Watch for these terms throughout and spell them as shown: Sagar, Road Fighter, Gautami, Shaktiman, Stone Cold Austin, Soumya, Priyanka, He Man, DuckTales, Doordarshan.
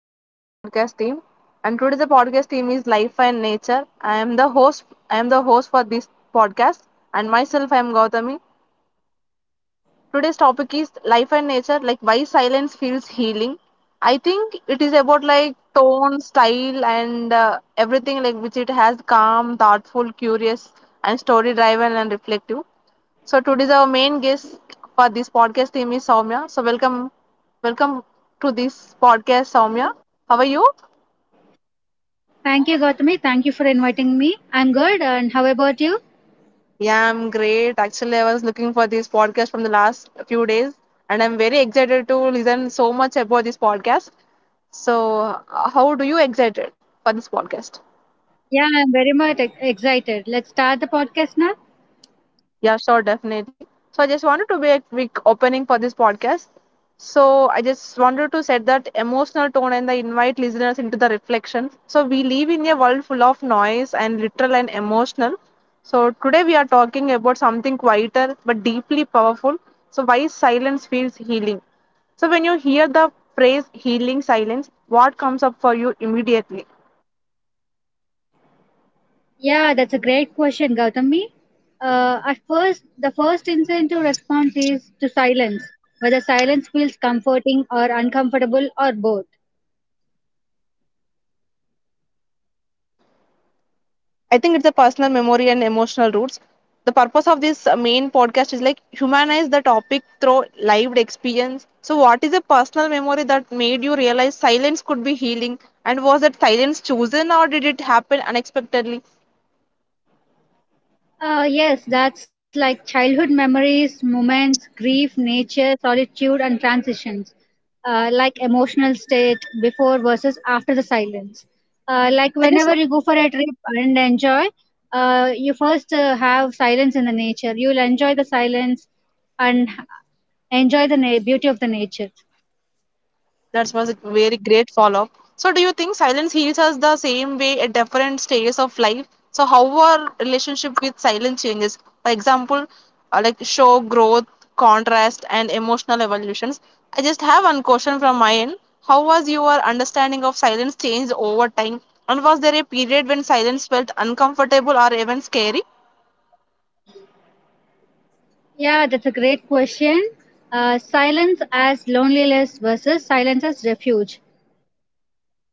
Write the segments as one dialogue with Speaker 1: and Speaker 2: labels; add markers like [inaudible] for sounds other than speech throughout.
Speaker 1: back to the podcast team. And today the podcast team is Life and Nature. I am the host. I am the host for this podcast, and myself I am Gautami. Today's topic is life and nature, like why silence feels healing. I think it is about like tone, style, and everything like which it has calm, thoughtful, curious, and story driven and reflective. So today's our main guest for this podcast theme is Soumya. So welcome to this podcast, Soumya. How are you?
Speaker 2: Thank you, Gautami. Thank you for inviting me. I'm good. And how about you?
Speaker 1: Yeah, I'm great. Actually, I was looking for this podcast from the last few days, and I'm very excited to listen so much about this podcast. So, how do you excited for this podcast?
Speaker 2: Yeah, I'm very much excited. Let's start the podcast now.
Speaker 1: Yeah, sure, definitely. So I just wanted to be a quick opening for this podcast. So I just wanted to set that emotional tone and I invite listeners into the reflection. So we live in a world full of noise and literal and emotional. So today we are talking about something quieter but deeply powerful. So why silence feels healing. So when you hear the phrase healing silence, what comes up for you immediately?
Speaker 2: Yeah, that's a great question, Gautami. At first, the first instinctive response is to silence, whether silence feels comforting or uncomfortable or both.
Speaker 1: I think it's a personal memory and emotional roots. The purpose of this main podcast is like humanize the topic through lived experience. So, what is a personal memory that made you realize silence could be healing? And was that silence chosen or did it happen unexpectedly?
Speaker 2: Yes, that's like childhood memories, moments, grief, nature, solitude, and transitions, like emotional state before versus after the silence. Like
Speaker 1: I just
Speaker 2: whenever you go for a trip and enjoy, you first have silence in the nature. You'll enjoy the silence and enjoy the beauty of the nature.
Speaker 1: That was a very great follow up. So, do you think silence heals us the same way at different stages of life? So, how our relationship with silence changes? For example, like show growth, contrast, and emotional evolutions. I just have one question from my end. How was your understanding of silence changed over time? And was there a period when silence felt uncomfortable or even scary?
Speaker 2: Yeah, that's a great question. Silence as loneliness versus silence as refuge.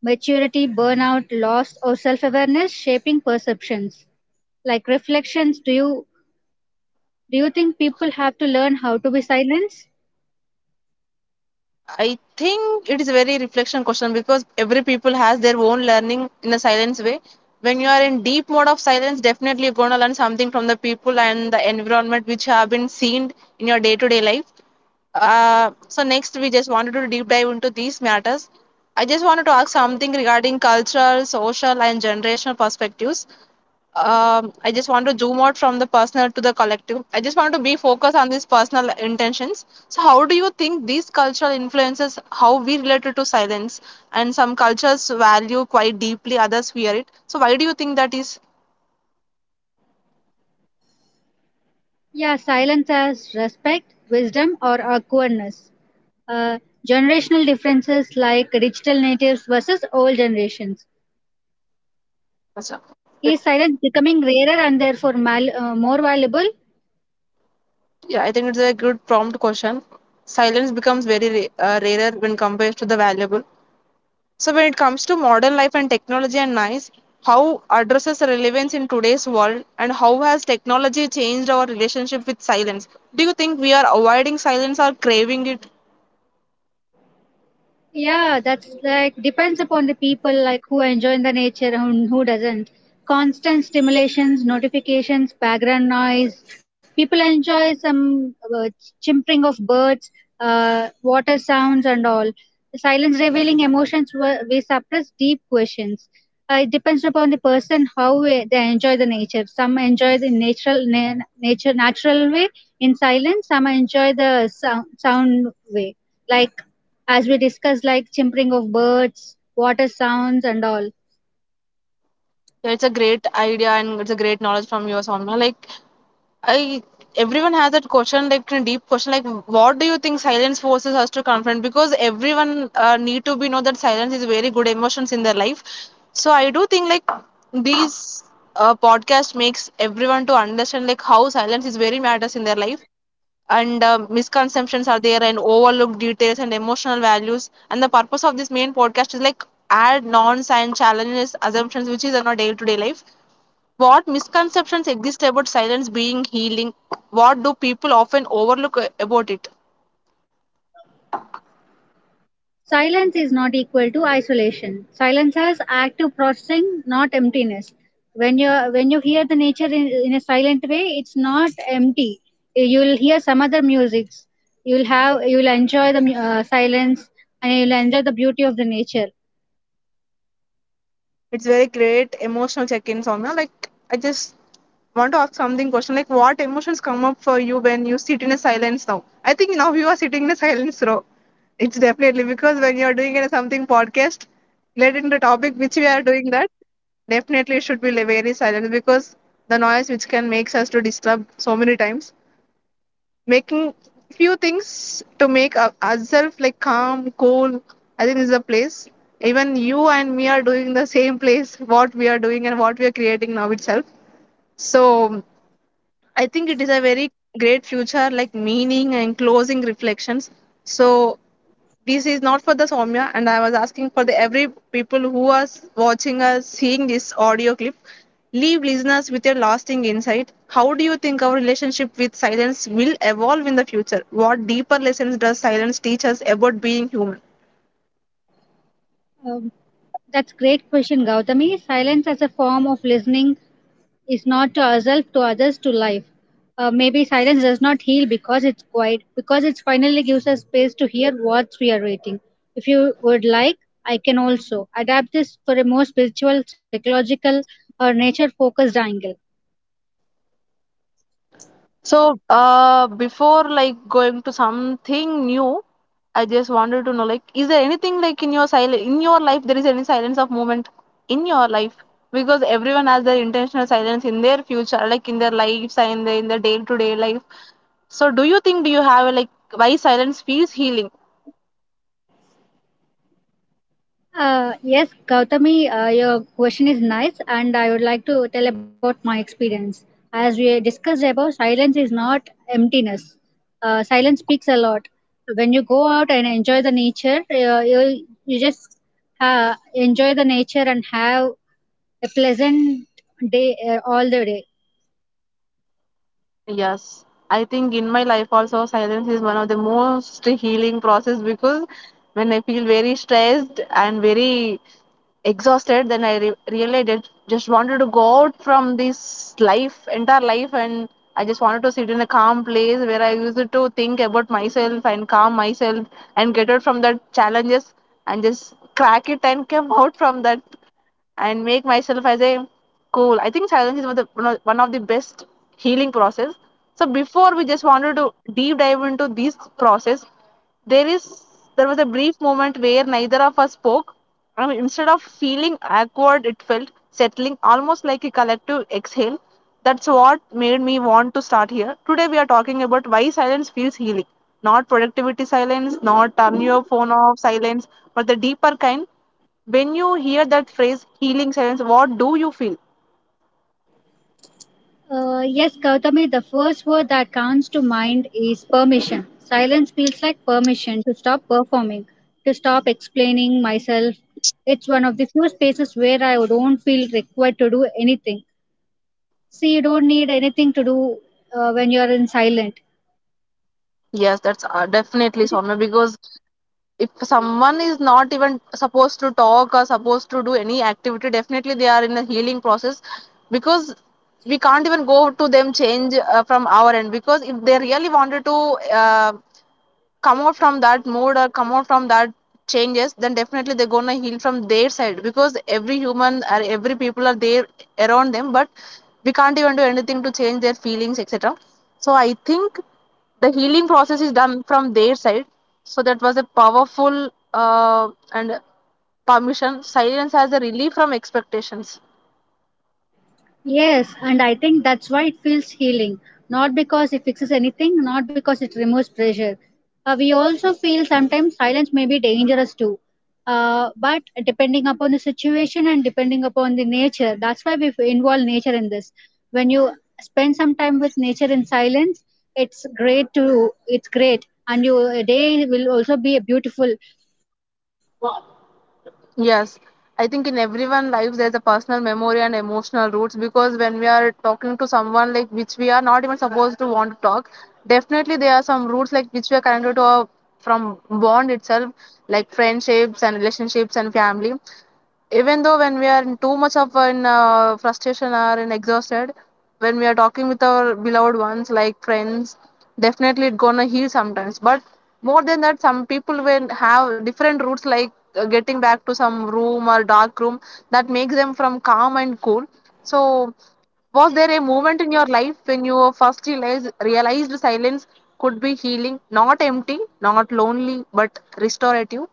Speaker 2: Maturity, burnout, loss, or self awareness shaping perceptions. Like reflections, do you think people have to learn how to be silent?
Speaker 1: I think it is a very reflection question because every people has their own learning in a silence way. When you are in deep mode of silence, definitely you're gonna learn something from the people and the environment which have been seen in your day-to-day life. So next, we just wanted to deep dive into these matters. I just wanted to ask something regarding cultural, social, and generational perspectives. I just want to zoom out from the personal to the collective. I just want to be focused on these personal intentions. So, how do you think these cultural influences how we related to silence? And some cultures value quite deeply, others fear it. So, why do you think that is?
Speaker 2: Yeah, silence as respect, wisdom, or awkwardness. Uh, generational differences like digital natives versus old generations.
Speaker 1: Awesome.
Speaker 2: Is silence becoming rarer and therefore more valuable?
Speaker 1: Yeah, I think it's a good prompt question. Silence becomes very rarer when compared to the valuable. So when it comes to modern life and technology and NICE, how addresses relevance in today's world and how has technology changed our relationship with silence? Do you think we are avoiding silence or craving it?
Speaker 2: Yeah, that's like depends upon the people like who enjoy the nature and who doesn't. Constant stimulations, notifications, background noise. People enjoy some chimpering of birds, water sounds, and all. Silence revealing emotions we suppress deep questions. It depends upon the person how they enjoy the nature. Some enjoy the nature natural way in silence. Some enjoy the sound way, like as we discussed, like chimpering of birds, water sounds, and all.
Speaker 1: Yeah, it's a great idea and it's a great knowledge from you, Soumya. Like I everyone has that question like a deep question like what do you think silence forces us to confront because everyone need to be know that silence is very good emotions in their life, so I do think like these podcast makes everyone to understand like how silence is very matters in their life, and misconceptions are there and overlooked details and emotional values and the purpose of this main podcast is like add non-science challenges assumptions which is in our day-to-day life. What misconceptions exist about silence being healing? What do people often overlook about it?
Speaker 2: Silence is not equal to isolation. Silence has active processing, not emptiness. When you hear the nature in a silent way, it's not empty. You will hear some other musics. You will enjoy the silence and you will enjoy the beauty of the nature.
Speaker 1: It's very great emotional check-ins on. Like, I just want to ask something question like what emotions come up for you when you sit in a silence now? I think now you are sitting in a silence row. It's definitely because when you're doing it something podcast related to the topic which we are doing, that definitely should be very silent because the noise which can makes us to disturb so many times, making few things to make ourselves like calm, cool. I think this is a place. Even you and me are doing the same place, what we are doing and what we are creating now itself. So I think it is a very great future, like meaning and closing reflections. So this is not for the Soumya, and I was asking for the every people who are watching us, seeing this audio clip. Leave listeners with your lasting insight. How do you think our relationship with silence will evolve in the future? What deeper lessons does silence teach us about being human?
Speaker 2: Um, that's great question, Gautami. Silence as a form of listening is not to ourselves, to others, to life. Maybe silence does not heal because it's quiet, because it finally gives us space to hear what we are waiting. If you would like, I can also adapt this for a more spiritual, psychological, or nature focused angle.
Speaker 1: So, before like going to something new, I just wanted to know like, is there anything like in your silence in your life there is any silence of moment in your life? Because everyone has their intentional silence in their future, like in their lives and in their day to day life. So, do you have like why silence feels healing?
Speaker 2: Yes, Gautami, your question is nice, and I would like to tell about my experience. As we discussed about silence is not emptiness. Silence speaks a lot. When you go out and enjoy the nature, you just enjoy the nature and have a pleasant day all the day.
Speaker 1: Yes, I think in my life also silence is one of the most healing process because when I feel very stressed and very exhausted, then I re really did, just wanted to go out from this life, entire life, and I just wanted to sit in a calm place where I used to think about myself and calm myself and get out from that challenges and just crack it and come [laughs] out from that and make myself as a cool. I think silence is one of one of the best healing process. So before we just wanted to deep dive into this process, there is there was a brief moment where neither of us spoke. I mean, instead of feeling awkward, it felt settling, almost like a collective exhale. That's what made me want to start here. Today we are talking about why silence feels healing, not productivity silence, not turn your phone off silence, but the deeper kind. When you hear that phrase healing science, what do you feel?
Speaker 2: Yes, Gautami, the first word that comes to mind is permission. Silence feels like permission to stop performing, to stop explaining myself. It's one of the few spaces where I don't feel required to do anything. See, you don't need anything to do when you're in silent.
Speaker 1: Yes, that's definitely Soumya, because if someone is not even supposed to talk or supposed to do any activity, definitely they are in a healing process because we can't even go to them change from our end because if they really wanted to come out from that mode or come out from that changes, then definitely they're gonna heal from their side because every human or every people are there around them but we can't even do anything to change their feelings, etc. So I think the healing process is done from their side. So that was a powerful and permission silence as a relief from expectations.
Speaker 2: Yes, and I think that's why it feels healing. Not because it fixes anything, not because it removes pressure. We also feel sometimes silence may be dangerous too. But depending upon the situation and depending upon the nature, that's why we involve nature in this. When you spend some time with nature in silence, it's great, and your day will also be beautiful.
Speaker 1: Yes, I think in everyone lives there's a personal memory and emotional roots because when we are talking to someone like which we are not even supposed to want to talk, definitely there are some roots like which we are connected to our, from bond itself, like friendships and relationships and family, even though when we are in too much of an frustration or in exhausted, when we are talking with our beloved ones like friends, definitely it gonna heal sometimes but more than that some people will have different routes like getting back to some room or dark room that makes them from calm and cool. So was there a moment in your life when you first realized silence could be healing, not empty, not lonely, but restorative?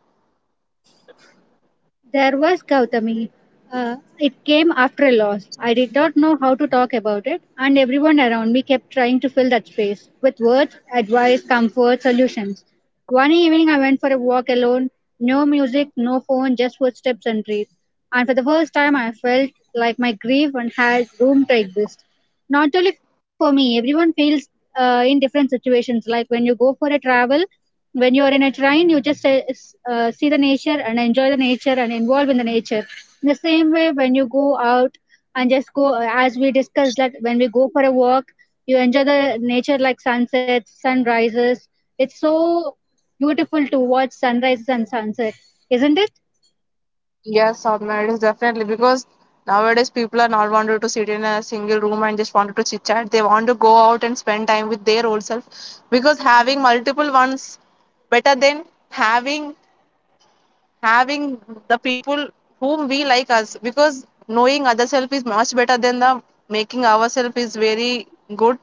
Speaker 2: There was Gautami. It came after a loss. I did not know how to talk about it, and everyone around me kept trying to fill that space with words, advice, comfort, solutions. One evening, I went for a walk alone. No music, no phone, just footsteps and breathe. And for the first time, I felt like my grief and had room to exist, not only for me, everyone feels in different situations, like when you go for a travel, when you're in a train, you just see the nature and enjoy the nature and involve in the nature. In the same way, when you go out and just go, as we discussed, that when we go for a walk, you enjoy the nature, like sunsets, sunrises. It's so beautiful to watch sunrises and sunset, isn't it?
Speaker 1: Yeah, submarines definitely because nowadays people are not wanted to sit in a single room and just wanted to chit chat. They want to go out and spend time with their old self because having multiple ones better than having the people whom we like us because knowing other self is much better than the making ourself is very good.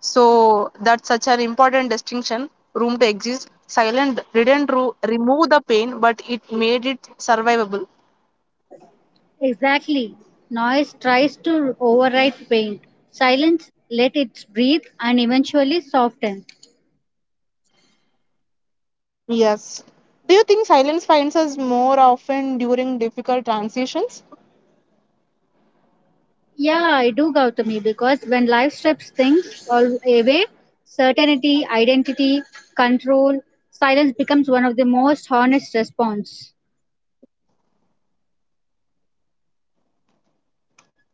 Speaker 1: So that's such an important distinction. Room to exist. Silent didn't remove the pain, but it made it survivable.
Speaker 2: Exactly. Noise tries to override pain. Silence, let it breathe and eventually soften.
Speaker 1: Yes. Do you think silence finds us more often during difficult transitions?
Speaker 2: Yeah, I do, Gautami, because when life strips things all away, certainty, identity, control, silence becomes one of the most honest response.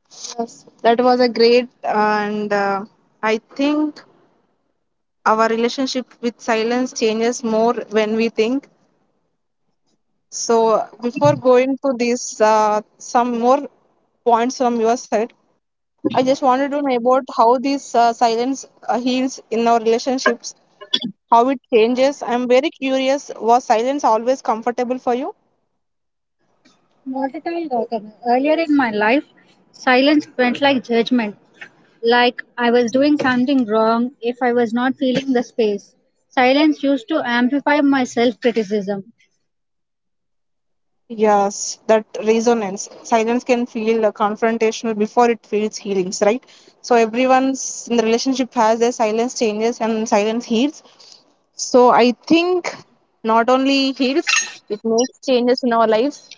Speaker 1: Yes. That was a great, and I think our relationship with silence changes more when we think. So, before going to these, some more points from your side, I just wanted to know about how this silence heals in our relationships, how it changes. I'm very curious, was silence always comfortable for you?
Speaker 2: Not at all, Gautami. Earlier in my life, silence felt like judgment, like I was doing something wrong if I was not feeling the space. Silence used to amplify my self criticism.
Speaker 1: Yes, that resonance. Silence can feel confrontational before it feels healings, right? So everyone's in the relationship has their silence changes and silence heals. So I think not only heals, it makes changes in our lives.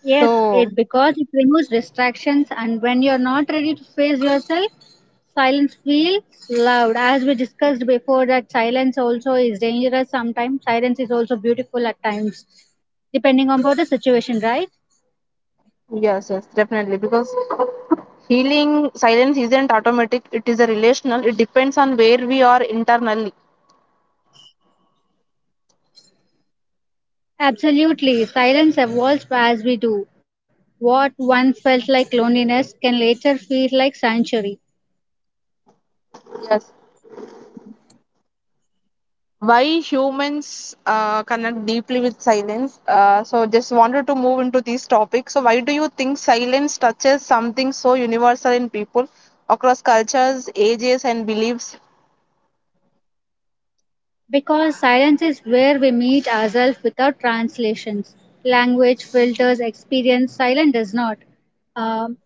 Speaker 2: Yes, it
Speaker 1: So
Speaker 2: because it removes distractions and when you're not ready to face yourself, silence feels loud. As we discussed before that silence also is dangerous sometimes. Silence is also beautiful at times, depending upon the situation, right?
Speaker 1: yes, yes, definitely. Because healing silence isn't automatic, it is a relational, it depends on where we are internally.
Speaker 2: Absolutely. Silence evolves as we do. What once felt like loneliness can later feel like sanctuary.
Speaker 1: Yes. Why humans connect deeply with silence. So, just wanted to move into this topic. So, why do you think silence touches something so universal in people across cultures, ages, and beliefs?
Speaker 2: Because silence is where we meet ourselves without translations. Language filters experience, silence does not. Um,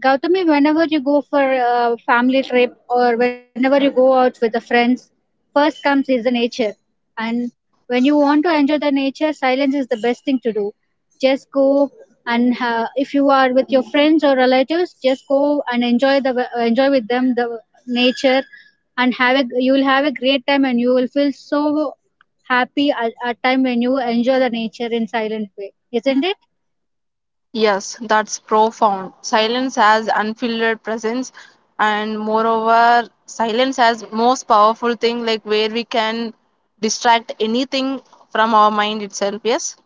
Speaker 2: Gautami, whenever you go for a family trip or whenever you go out with the friends, first comes is the nature. And when you want to enjoy the nature, silence is the best thing to do. Just go and if you are with your friends or relatives, just go and enjoy with them the nature, and have a you will have a great time and you will feel so happy at a time when you enjoy the nature in silent way, isn't it?
Speaker 1: Yes, that's profound. Silence has unfiltered presence, and moreover, silence has most powerful thing like where we can distract anything from our mind itself. Yes,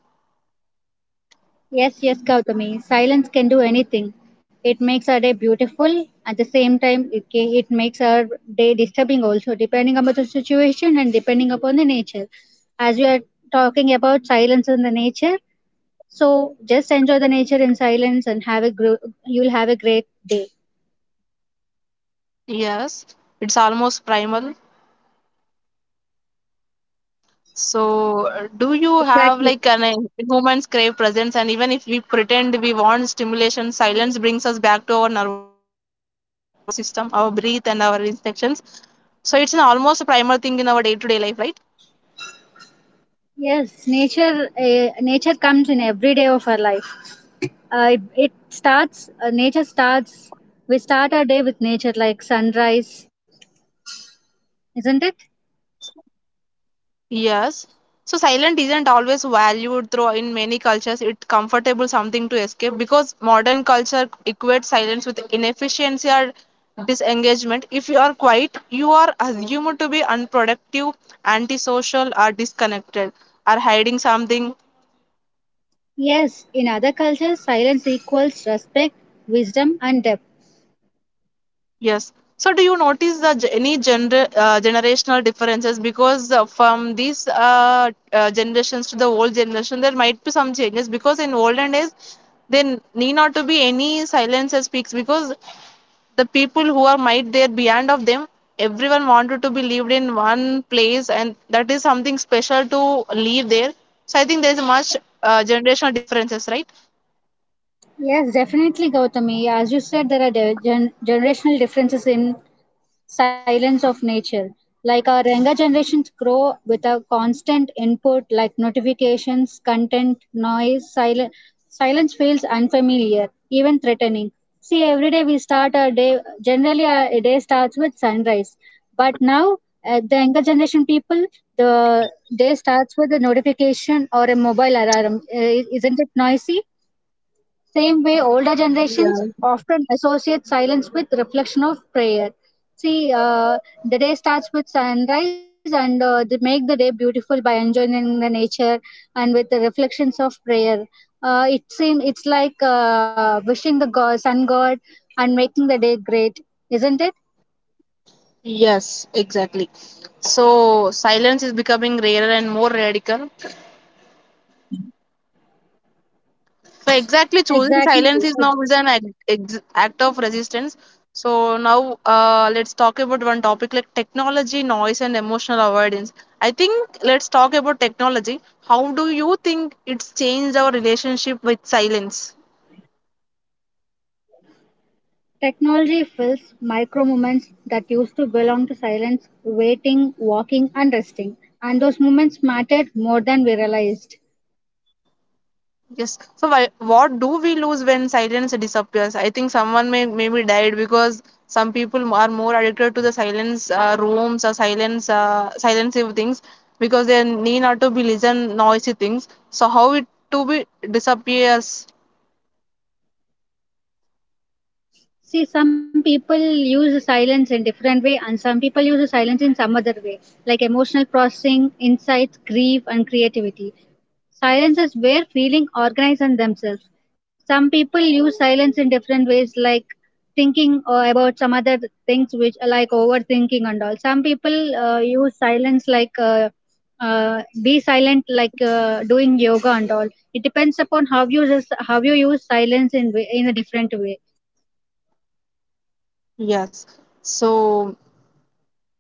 Speaker 2: Yes, yes, Gautami. Silence can do anything. It makes our day beautiful. At the same time, it makes our day disturbing also, depending upon the situation and depending upon the nature. As we are talking about silence and the nature, so just enjoy the nature in silence and you'll have a great day.
Speaker 1: yes, it's almost primal. So, do you have
Speaker 2: Exactly.
Speaker 1: like an humans crave presence, and even if we pretend we want stimulation, silence brings us back to our nervous system, our breath, and our instincts. So, it's an almost primal thing in our day-to-day life, right?
Speaker 2: Yes, nature comes in every day of our life. It, it starts. Nature starts. We start our day with nature, like sunrise, isn't it?
Speaker 1: Yes. So silent isn't always valued through in many cultures. It's comfortable something to escape because modern culture equates silence with inefficiency or disengagement. If you are quiet, you are assumed to be unproductive, antisocial, or disconnected, or hiding something.
Speaker 2: Yes, in other cultures, silence equals respect, wisdom, and depth.
Speaker 1: Yes. So, do you notice the ge- any gener generational differences? Because from these generations to the old generation, there might be some changes. Because in olden days, there need not to be any silencer speaks. Because the people who are might there beyond of them, everyone wanted to be lived in one place, and that is something special to live there. So, I think there is much generational differences, right?
Speaker 2: Yes, definitely, Gautami. As you said, there are generational differences in silence of nature. Like our younger generations grow with a constant input like notifications, content, noise, silence. Silence feels unfamiliar, even threatening. See, every day we start our day, generally our day starts with sunrise. But now, the younger generation people, the day starts with a notification or a mobile alarm. Isn't it noisy? Same way, older generations often associate silence with reflection of prayer. See, the day starts with sunrise and they make the day beautiful by enjoying the nature and with the reflections of prayer. It's like wishing the god, sun god, and making the day great, isn't it?
Speaker 1: Yes, exactly. So, silence is becoming rarer and more radical. So exactly, choosing
Speaker 2: Exactly.
Speaker 1: silence is now is an act of resistance. So now let's talk about one topic like technology, noise, and emotional avoidance. I think let's talk about technology. How do you think it's changed our relationship with silence?
Speaker 2: Technology fills micro moments that used to belong to silence, waiting, walking, and resting. And those moments mattered more than we realized.
Speaker 1: Yes. So why, what do we lose when silence disappears? I think someone may maybe died because some people are more addicted to the silence rooms or silence silensive things because they need not to be listen noisy things. So how it to be disappears?
Speaker 2: See, some people use silence in different way, and some people use silence in some other way, like emotional processing, insights, grief, and creativity. Silence is where feeling organize on themselves. Some people use silence in different ways, like thinking about some other things, which like overthinking and all. Some people use silence like be silent, like doing yoga and all. It depends upon how you use silence in in a different way.
Speaker 1: Yes. So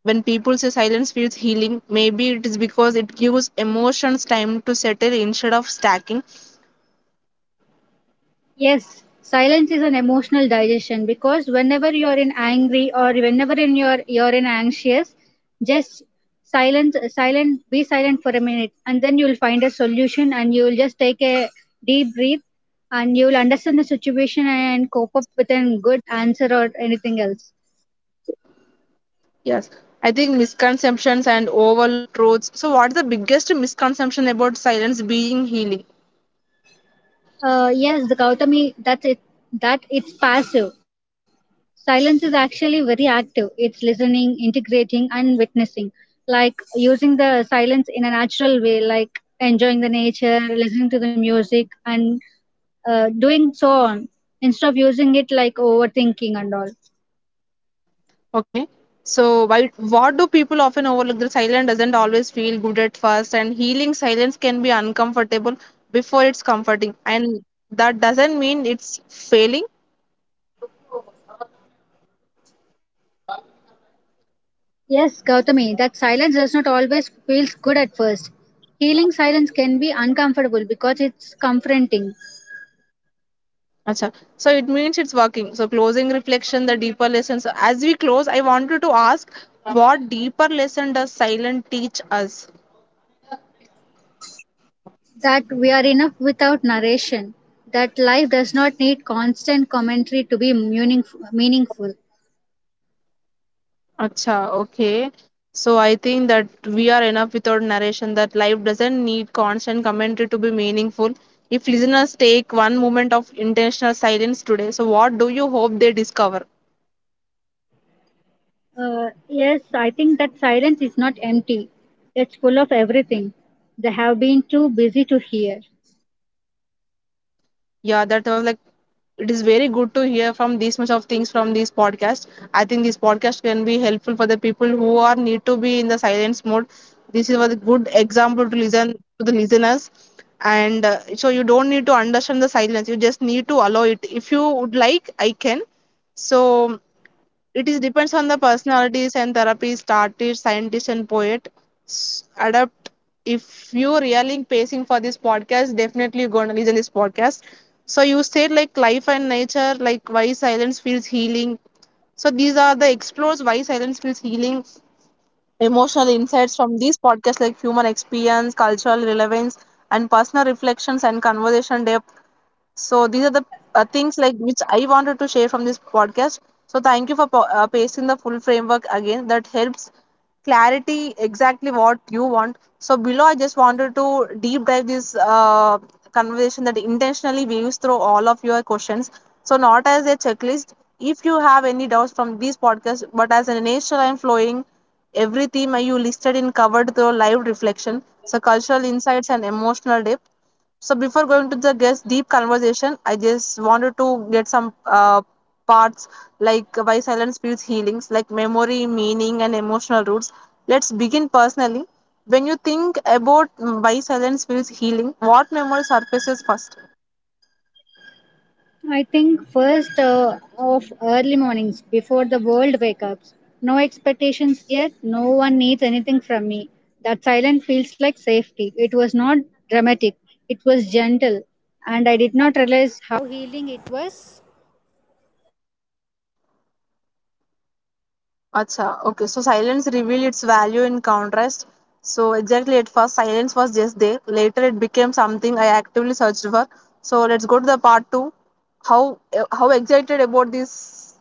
Speaker 1: when people say silence feels healing, maybe it is because it gives emotions time to settle instead of stacking.
Speaker 2: Yes, silence is an emotional digestion because whenever you're in angry or whenever in your you're in anxious, just silence silent be silent for a minute and then you'll find a solution and you'll just take a deep breath and you'll understand the situation and cope up with a good answer or anything else.
Speaker 1: Yes, I think misconceptions and overlooked truths. So, what's the biggest misconception about silence being healing?
Speaker 2: Yes, the Gautami, that's it, that it's passive. Silence is actually very active. It's listening, integrating, and witnessing. Like using the silence in a natural way, like enjoying the nature, listening to the music, and doing so on, instead of using it like overthinking and all.
Speaker 1: Okay, so why, what do people often overlook? The silence doesn't always feel good at first, and healing silence can be uncomfortable before it's comforting, and that doesn't mean it's failing.
Speaker 2: Yes, Gautami, that silence does not always feels good at first. Healing silence can be uncomfortable because it's confronting.
Speaker 1: Acha. So it means it's working. So closing reflection, the deeper lessons. As we close, I want you to ask what deeper lesson does silence teach us?
Speaker 2: That we are enough without narration, that life does not need constant commentary to be meaningful.
Speaker 1: Acha, okay. So I think that we are enough with our narration that life doesn't need constant commentary to be meaningful. If listeners take one moment of intentional silence today, so what do you hope they discover?
Speaker 2: Yes, I think that silence is not empty, it's full of everything they have been too busy to hear.
Speaker 1: Yeah, that was like it is very good to hear from this much of things from this podcast. I think this podcast can be helpful for the people who are need to be in the silence mode. This is a good example to listen to the listeners, and so you don't need to understand the silence. You just need to allow it. If you would like, I can. So it is depends on the personalities and therapists, artists, scientists, and poet. S- Adapt. If you really pacing for this podcast, definitely you're gonna listen this podcast. So you said like life and nature, like why silence feels healing. So these are the explores why silence feels healing, emotional insights from these podcasts like human experience, cultural relevance, and personal reflections and conversation depth. So these are the things like which I wanted to share from this podcast. So thank you for pasting the full framework again. That helps clarity exactly what you want. So below, I just wanted to deep dive this conversation that intentionally weaves through all of your questions. So not as a checklist. If you have any doubts from these podcasts, but as an initial and flowing, every theme you listed in covered through live reflection. So cultural insights and emotional depth. So before going to the guest deep conversation, I just wanted to get some parts like why silence feels healings, like memory, meaning, and emotional roots. Let's begin personally. When you think about why silence feels healing, what memory surfaces first?
Speaker 2: I think first of early mornings before the world wake up. No expectations yet. No one needs anything from me. That silence feels like safety. It was not dramatic. It was gentle, and I did not realize how healing it was.
Speaker 1: Acha, okay. So silence revealed its value in contrast. So exactly at first silence was just there. Later it became something I actively searched for. So let's go to the part two. How excited about this